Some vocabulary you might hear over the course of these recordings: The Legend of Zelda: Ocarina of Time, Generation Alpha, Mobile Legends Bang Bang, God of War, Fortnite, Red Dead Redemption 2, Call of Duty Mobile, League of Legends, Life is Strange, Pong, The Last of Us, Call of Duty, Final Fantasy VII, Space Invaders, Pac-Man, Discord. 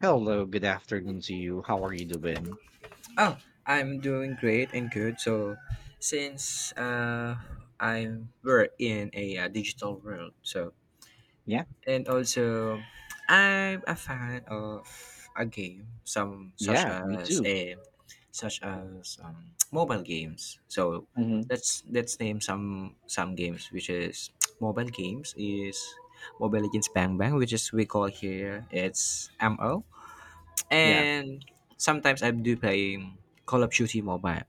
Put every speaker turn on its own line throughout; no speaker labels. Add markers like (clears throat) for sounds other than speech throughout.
Hello, good afternoon to you. How are you doing?
Oh, I'm doing great and good. So, since I'm we're in a digital world, so
Yeah,
and also I'm a fan of a game, some such
yeah, me
as
too.
a such as (tsk) mobile games. So
Hmm
let's name some games which is (tsk) mobile games is Mobile Legends Bang Bang, which is we call here it's ML,
Yeah.
and sometimes I do play Call of Duty Mobile.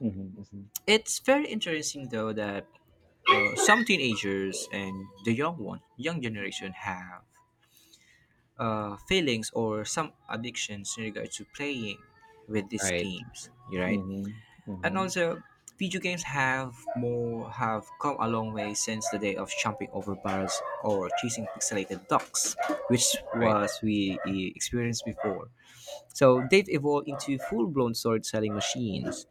hmm hmm
It's very interesting though that some teenagers and the young one, young generation have feelings or some addictions in regards to playing with these
Right.
games, you right?
hmm
And
hmm
also, video games have more have come a long way since the day of jumping over barrels or chasing pixelated ducks, which
Right.
was we experienced before. So they've evolved into full-blown story-selling machines,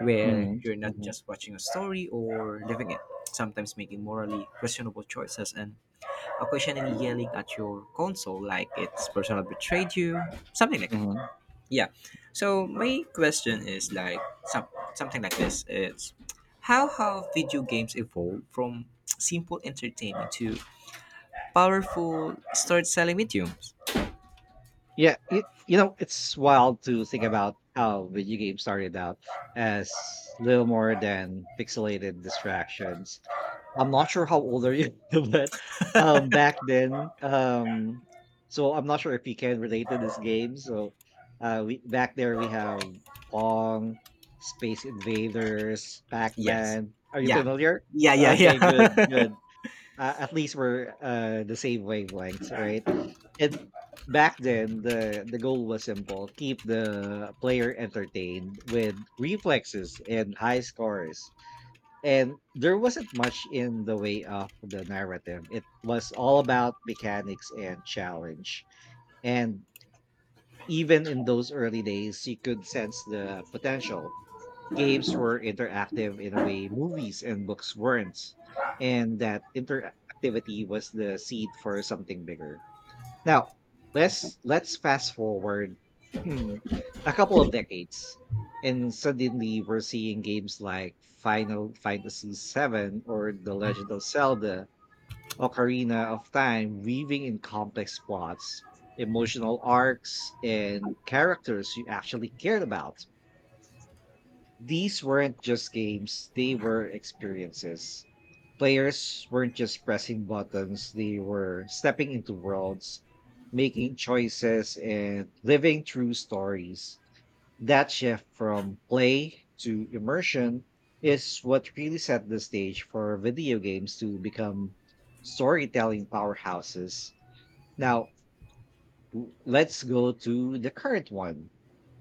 where
hmm
you're not
hmm
just watching a story or living it. Sometimes making morally questionable choices and occasionally yelling at your console like its persona betrayed you, something like that.
hmm
Yeah. So my question is some, something like this: It's how have video games evolved from simple entertainment to powerful story-selling mediums?
Yeah, it, you know, it's wild to think about how video games started out as little more than pixelated distractions. I'm not sure how old are you, (laughs) but, back then, so I'm not sure if you can relate to this game, so, we back there we have Pong, Space Invaders,
Yes.
Pac-Man. Are you
Yeah.
familiar?
Yeah. Yeah. Yeah.
Okay, good, good. At least we're, the same wavelengths, right? And back then, the goal was simple. Keep the player entertained with reflexes and high scores, and there wasn't much in the way of the narrative. It was all about mechanics and challenge. And even in those early days, you could sense the potential. Games were interactive in a way movies and books weren't. And that interactivity was the seed for something bigger. Now, let's fast forward hmm, a couple of decades, and suddenly we're seeing games like Final Fantasy VII or The Legend of Zelda, Ocarina of Time, weaving in complex plots, emotional arcs, and characters you actually cared about. These weren't just games, they were experiences. Players weren't just pressing buttons, they were stepping into worlds, making choices, and living through stories. That shift from play to immersion is what really set the stage for video games to become storytelling powerhouses. Now, let's go to the current one.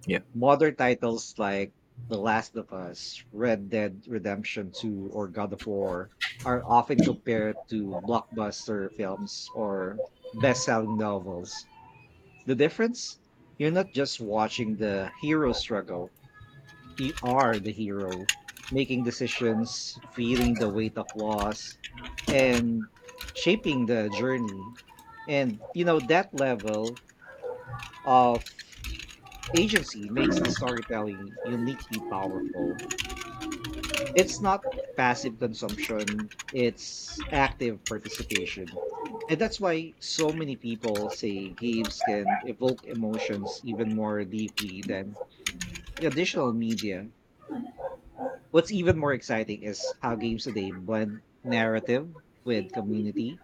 (laughs) yeah.
Modern titles like The Last of Us, Red Dead Redemption 2, or God of War are often compared to blockbuster films or best selling novels. The difference? You're not just watching the hero struggle, you are the hero, making decisions, feeling the weight of loss, and shaping the journey. And, you know, that level of agency makes the storytelling uniquely powerful. It's not passive consumption, it's active participation. And that's why so many people say games can evoke emotions even more deeply than traditional media. What's even more exciting is how games today blend narrative with community.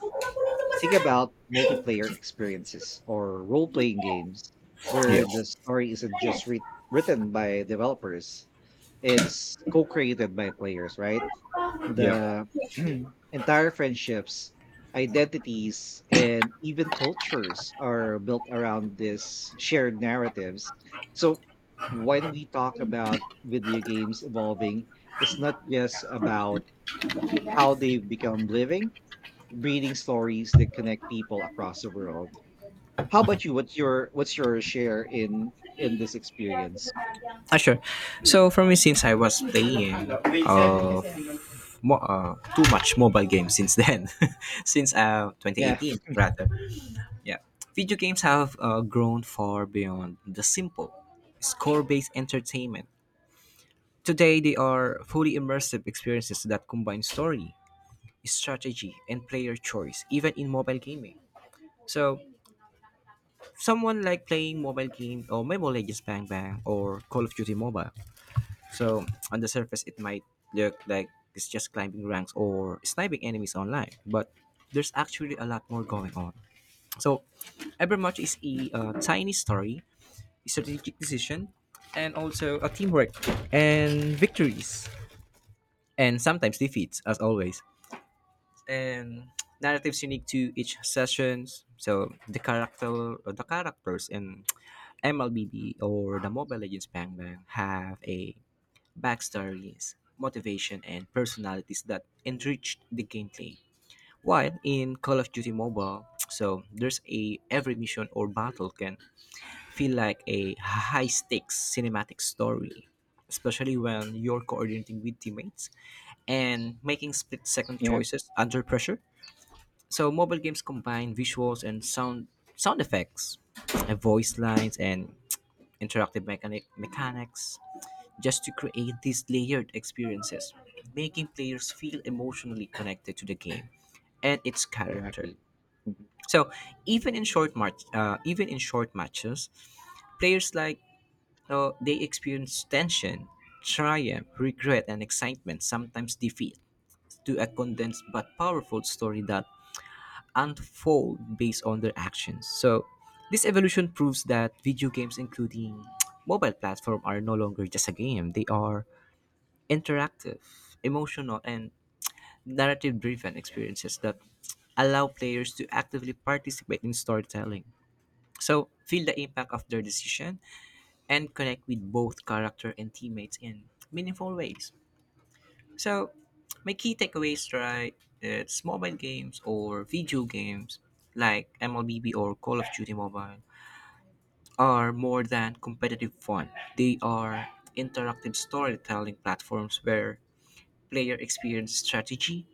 Think about multiplayer experiences or role playing games where
Yeah.
the story isn't just written by developers. It's co-created by players, right?
Yeah.
The (clears throat) entire friendships, identities, and even cultures are built around these shared narratives. So when we talk about video games evolving, it's not just about how they've become living, breeding stories that connect people across the world. How about you? What's your share in this experience?
Ah, sure. So for me, since I was playing uh, too much mobile games since then, (laughs) since
Yeah,
2018 rather, yeah, video games have grown far beyond the simple score-based entertainment. Today, they are fully immersive experiences that combine story, strategy, and player choice, even in mobile gaming. So someone like playing mobile games or Mobile Legends Bang Bang or Call of Duty Mobile. So on the surface, it might look like it's just climbing ranks or sniping enemies online, but there's actually a lot more going on. So Evermatch is a tiny story, a strategic decision, and also a teamwork and victories and sometimes defeats as always, and narratives unique to each sessions, so the characters and MLBD or the Mobile Legends Bang Bang have a backstories, motivation, and personalities that enrich the gameplay. While in Call of Duty Mobile, (tsk) so there's a every mission or battle can feel like a high stakes cinematic story, especially when you're coordinating with teammates and making split second
yeah,
choices under pressure. So mobile games combine visuals and sound sound effects, voice lines, and interactive mechanics just to create these layered experiences, making players feel emotionally connected to the game and its character.
exactly. Mhm.
So even in short matches, players like they experience tension, triumph, regret, and excitement. Sometimes defeat to a condensed but powerful story that unfold based on their actions. So, this evolution proves that video games, including (tsk) mobile platform, are no longer just a game. They are interactive, emotional, and narrative-driven experiences that (tsk) allow players to actively participate in storytelling. So, feel the impact of their decision and connect with both character and teammates in meaningful ways. So, my key takeaways, right? It's mobile games or video games like MLBB or Call of Duty Mobile are more than competitive fun. They are interactive storytelling platforms where player experience strategy,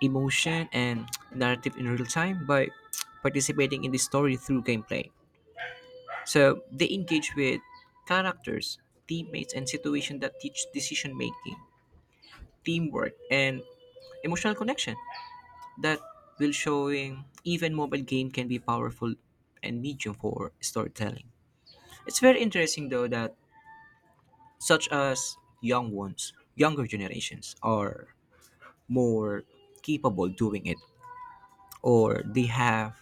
emotion, and narrative in real time by participating in the story through gameplay. So, they engage with characters, teammates, and situations that teach decision making, teamwork, and emotional connection. That will showing even mobile game can be powerful and medium for storytelling. It's very interesting though that such as young ones, younger generations are more capable doing it, or they have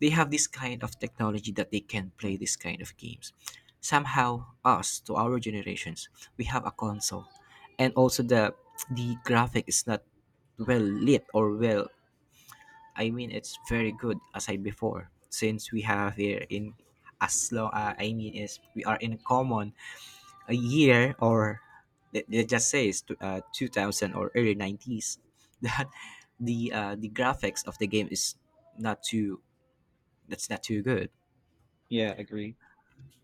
this kind of technology that they can play this kind of games. Somehow us to our generations, we have a console, and also the graphic is not well lit or well, I mean, it's very good, as I before, since we have here in as long, I mean, is we are in common a year or let's just say 2000 or early 90s (laughs) that the graphics of the game is not too that's not too good.
Yeah, agree.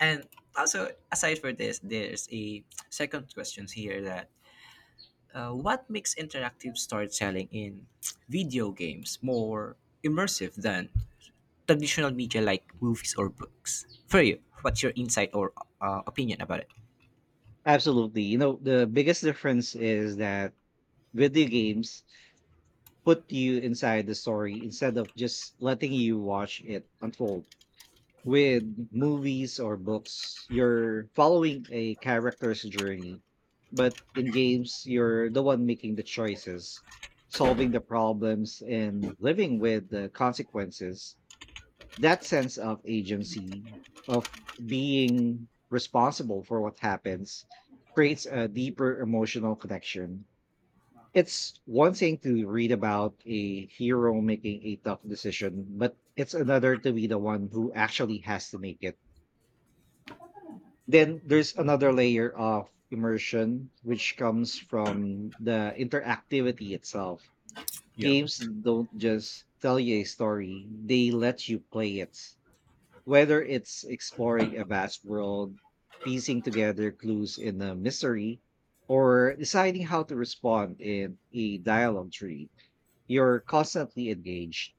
And also aside for this there's a second question here that what makes interactive storytelling in (tsk) video games more immersive than traditional media like movies or books. For you, what's your insight or opinion about it?
Absolutely. You know, the biggest difference is that video games put you inside the story instead of just letting you watch it unfold. With movies or books, you're following a character's journey. But in games, you're the one making the choices, solving the problems, and living with the consequences. That sense of agency, of being responsible for what happens, creates a deeper emotional connection. It's one thing to read about a hero making a tough decision, but it's another to be the one who actually has to make it. Then there's another layer of immersion, which comes from the interactivity itself.
Yeah.
Games don't just tell you a story, they let you play it. Whether it's exploring a vast world, piecing together clues in a mystery, or deciding how to respond in a dialogue tree, you're constantly engaged.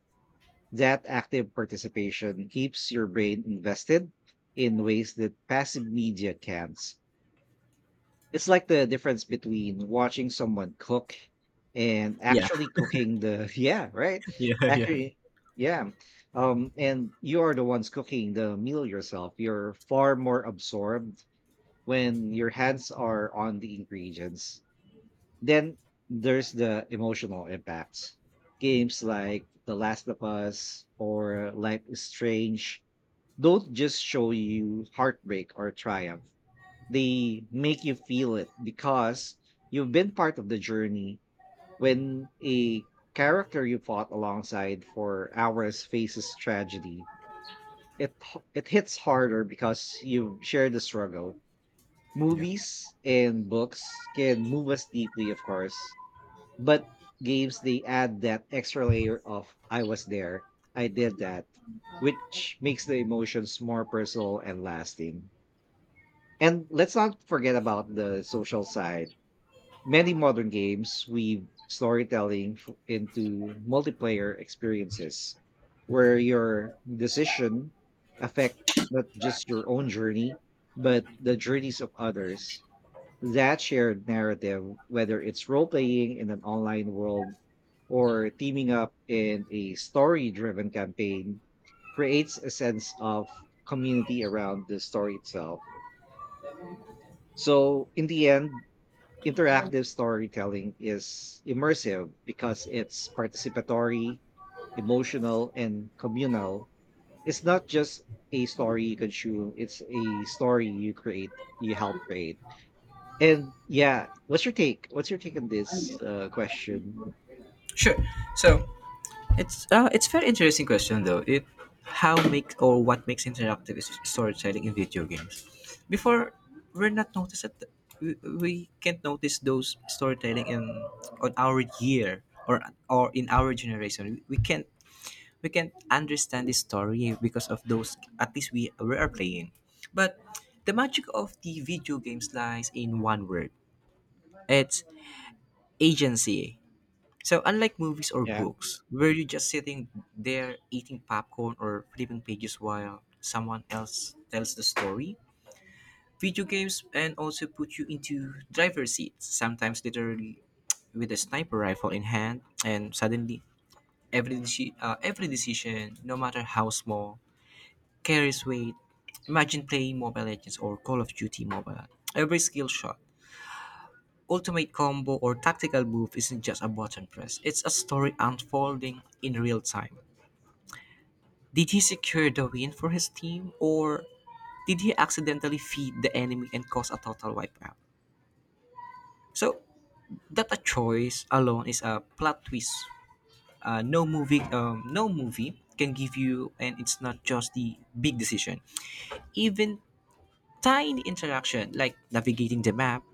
That active participation keeps your brain invested in ways that passive media can't. It's like the difference between watching someone cook and
Yeah,
actually cooking the (laughs) yeah, right?
(laughs) yeah, yeah.
Actually, yeah. And you are the ones cooking the meal yourself. You're far more absorbed when your hands are on the ingredients. Then there's the emotional impacts. Games like The Last of Us or Life is Strange don't just show you heartbreak or triumph, they make you feel it because you've been part of the journey. When a character you fought alongside for hours faces tragedy, it hits harder because you share the struggle. Movies and books can move us deeply, of course, but games, they add that extra layer of I was there, I did that, which makes the emotions more personal and lasting. And let's not forget about the social side. Many modern games weave into multiplayer experiences where your decision affect not just your own journey, but the journeys of others. That shared narrative, whether it's role-playing in an online world or teaming up in a story-driven campaign, creates a sense of community around the story itself. So in the end, interactive storytelling is immersive because it's participatory, emotional, and communal. It's not just a story you consume, it's a story you create, you help create. And yeah, what's your take? What's your take on this question?
Sure. So it's very interesting question though. It, how make or what makes interactive is storytelling in video games. Before we're not noticed that we can't notice those storytelling in on our year or or in our generation. We can't we can understand the story because of those at least we are playing, but the magic of the video games lies in one word: it's agency. So unlike movies or
Yeah,
books where you're just sitting there eating popcorn or flipping pages while someone else tells the story, video games and also put you into driver's seat, sometimes literally with a sniper rifle in hand, and suddenly every decision, no matter how small, carries weight. Imagine playing Mobile Legends or Call of Duty Mobile. Every skill shot, ultimate combo, or tactical move isn't just a button press, it's a story unfolding in real time. Did he secure the win for his team, or did he accidentally feed the enemy and cause a total wipeout? So, that a choice alone is a plot twist. No movie can give you, and it's not just the big decision, even tiny interaction like navigating the map,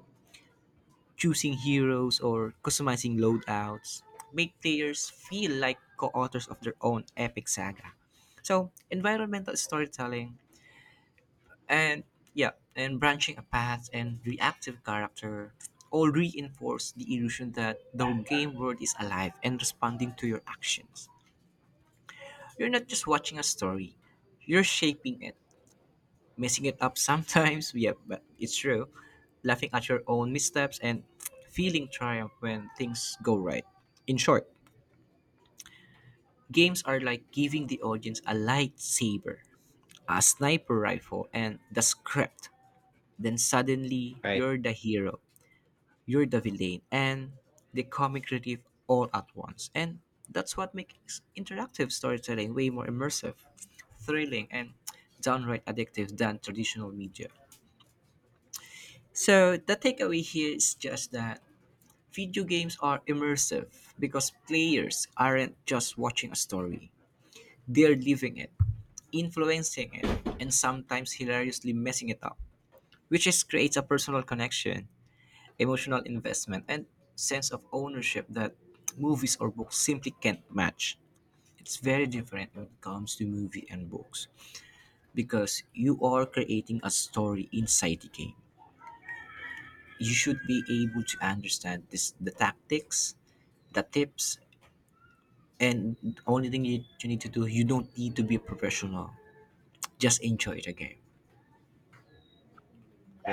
choosing heroes or customizing loadouts make players feel like co-authors of their own epic saga. So, environmental storytelling and yeah, and branching a path and reactive character all reinforce the illusion that the game world is alive and responding to your actions. You're not just watching a story, you're shaping it, messing it up sometimes. (laughs) yeah, but it's true. Laughing at your own missteps and feeling triumph when things go right. In short, games are like giving the audience a lightsaber, a sniper rifle, and the script. Then suddenly,
right.
you're the hero, you're the villain, and the comic relief all at once. And that's what makes interactive storytelling way more immersive, thrilling, and downright addictive than traditional media. So the takeaway here is just that video games are immersive because players aren't just watching a story. They're living it, influencing it, and sometimes hilariously messing it up, which just creates a personal connection, emotional investment, and sense of ownership that movies or books simply can't match. It's very different when it comes to movie and books because you are creating a story inside the game. You should be able to understand this the tactics, the tips, and only thing you need to do, you don't need to be a professional, just enjoy the game.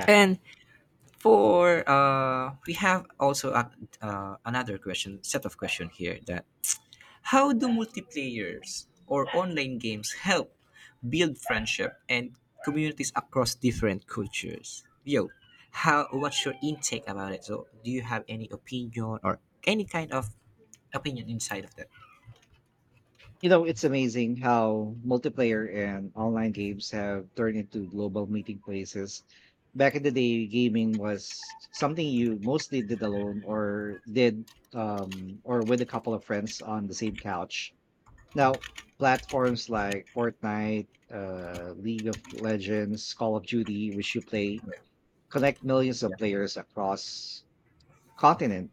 And for uh, we have also another question set of question here, that how do multiplayers or online games help build friendship and communities across different cultures, yo, how, what's your intake about it? So do you have any opinion or any kind of opinion inside of that?
You know, it's amazing how multiplayer and online games have turned into global meeting places. Back in the day, gaming was something you mostly did alone or did or with a couple of friends on the same couch. Now, platforms like Fortnite, League of Legends, Call of Duty, which you play,
Yeah,
connect millions of
yeah,
players across continents.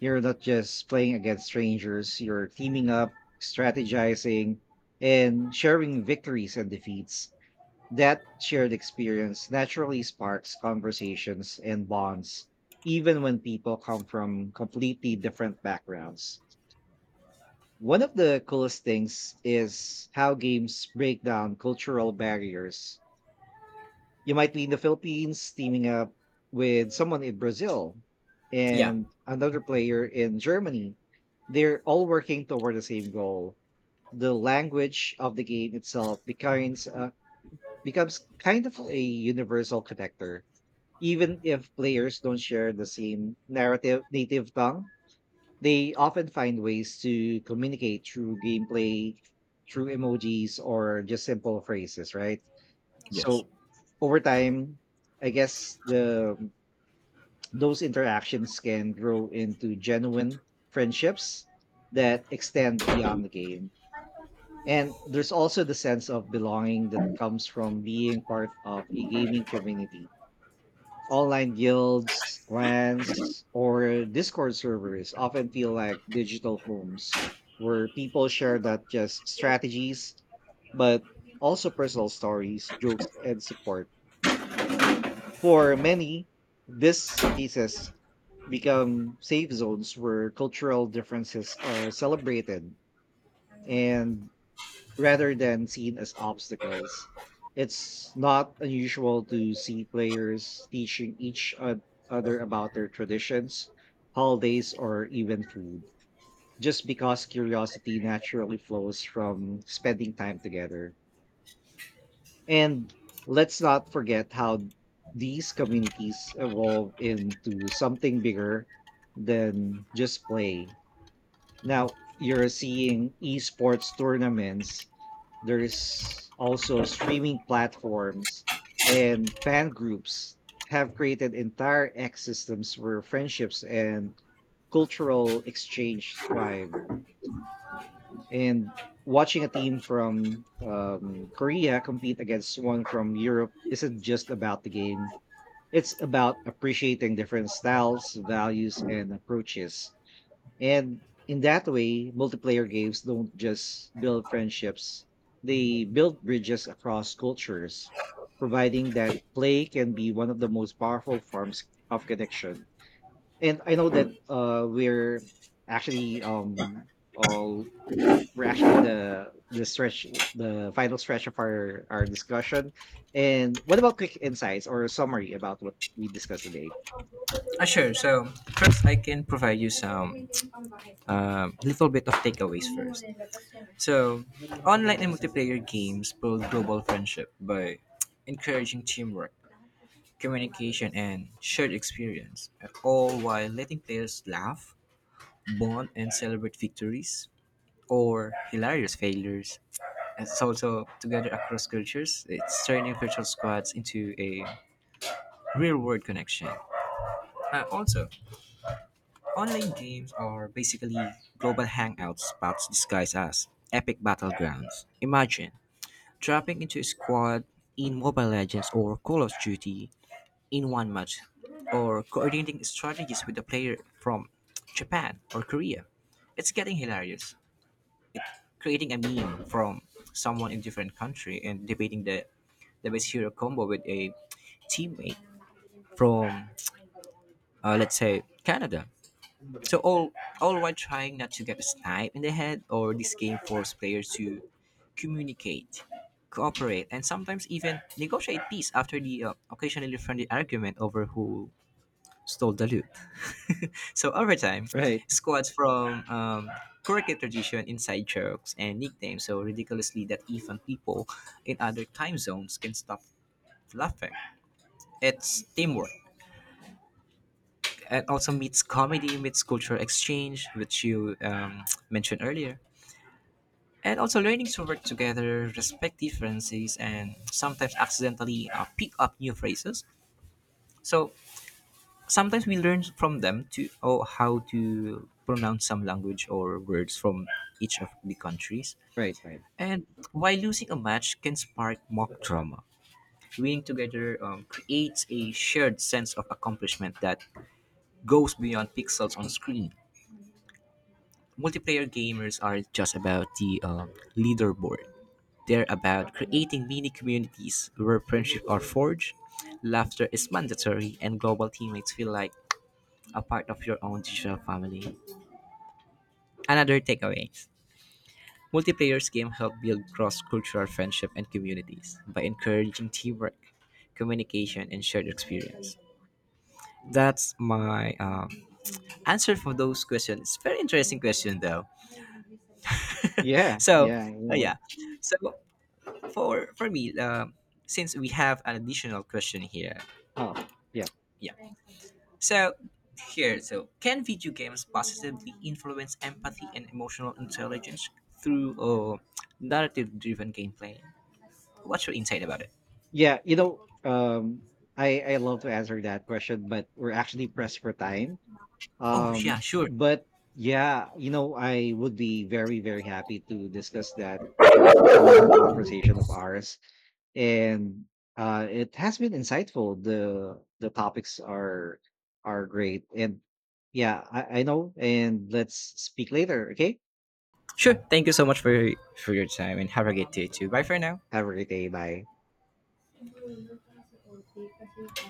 You're not just playing against strangers, you're teaming up, strategizing, and sharing victories and defeats. That shared experience naturally sparks conversations and bonds, even when people come from completely different backgrounds. One of the coolest things is how games break down cultural barriers. You might be in the Philippines teaming up with someone in Brazil
yeah,
and another player in Germany. They're all working toward the same goal. The language of the game itself becomes kind of a universal connector. Even if players don't share the same narrative native tongue, they often find ways to communicate through gameplay, through emojis, or just simple phrases, right?
yes.
So over time, I guess the those interactions can grow into genuine friendships that extend beyond the game. And there's also the sense of belonging that comes from being part of a gaming community. Online guilds, clans, or Discord servers often feel like digital homes where people share not just strategies, but also personal stories, jokes, and support. For many, these spaces become safe zones where cultural differences are celebrated and rather than seen as obstacles. It's not unusual to see players teaching other about their traditions, holidays, or even food, just because curiosity naturally flows from spending time together. And let's not forget how these communities evolve into something bigger than just play. Now you're seeing esports tournaments, there's also streaming platforms and fan groups have created entire ecosystems where friendships and cultural exchange thrive. And watching a team from Korea compete against one from Europe isn't just about the game. It's about appreciating different styles, values, and approaches. And in that way, multiplayer games don't just build friendships, they build bridges across cultures, providing that play can be one of the most powerful forms of connection. And I know that we're actually all we're actually in the final stretch of our discussion. And what about quick insights or summary about what we discussed today?
Sure. So first, I can provide you some little bit of takeaways first. So online and multiplayer games build global friendship by (tsk) encouraging teamwork, communication, and shared experience, all while letting players laugh, bond, and celebrate victories or hilarious failures. It's also together across cultures. It's turning virtual squads into a real-world connection. Also, online games are basically global hangout spots disguised as epic battlegrounds. Imagine dropping into a squad in Mobile Legends or Call of Duty in one match, or coordinating strategies with a player from Japan or Korea. It's getting hilarious. Creating a meme from someone in different country and debating the best hero combo with a teammate from, let's say, Canada. So all while trying not to get sniped in the head, or this game forces players to communicate, cooperate, and sometimes even negotiate peace after the occasionally friendly argument over who stole the loot. So over time,
Right,
squads from cricket tradition, inside jokes, and nicknames so ridiculously that even people in other time zones can stop laughing. It's teamwork. It also meets comedy, meets cultural exchange, which you (tsk) mentioned earlier, and also learning to work together, respect differences, and sometimes accidentally pick up new phrases. So sometimes we learn from them to oh how to pronounce some language or words from each of the countries.
right, right.
And while losing a match can spark mock drama, winning together creates a shared sense of accomplishment that goes beyond pixels on screen. Multiplayer gamers are just about the leaderboard. They're about creating mini communities where friendship are forged, laughter is mandatory, and global teammates feel like a part of your own digital family. Another takeaway: multiplayer's game help build cross-cultural friendship and communities by encouraging teamwork, communication, and shared experience. That's my answer for those questions. It's very interesting question though.
Yeah,
So
yeah, you know.
yeah, so for me, since we have an additional question here,
Oh, yeah,
yeah. So here, so can video games positively influence empathy and emotional intelligence through narrative-driven gameplay? What's your insight about it?
yeah, you know, I love to answer that question, but we're actually pressed for time.
Oh yeah, sure,
But yeah, you know, I would be very happy to discuss that in another conversation of ours. And it has been insightful. The topics are great. And yeah, I know. And let's speak later. Okay,
sure. Thank you so much for your time and have a great day too. Bye for now.
have a great day. Bye.
(laughs)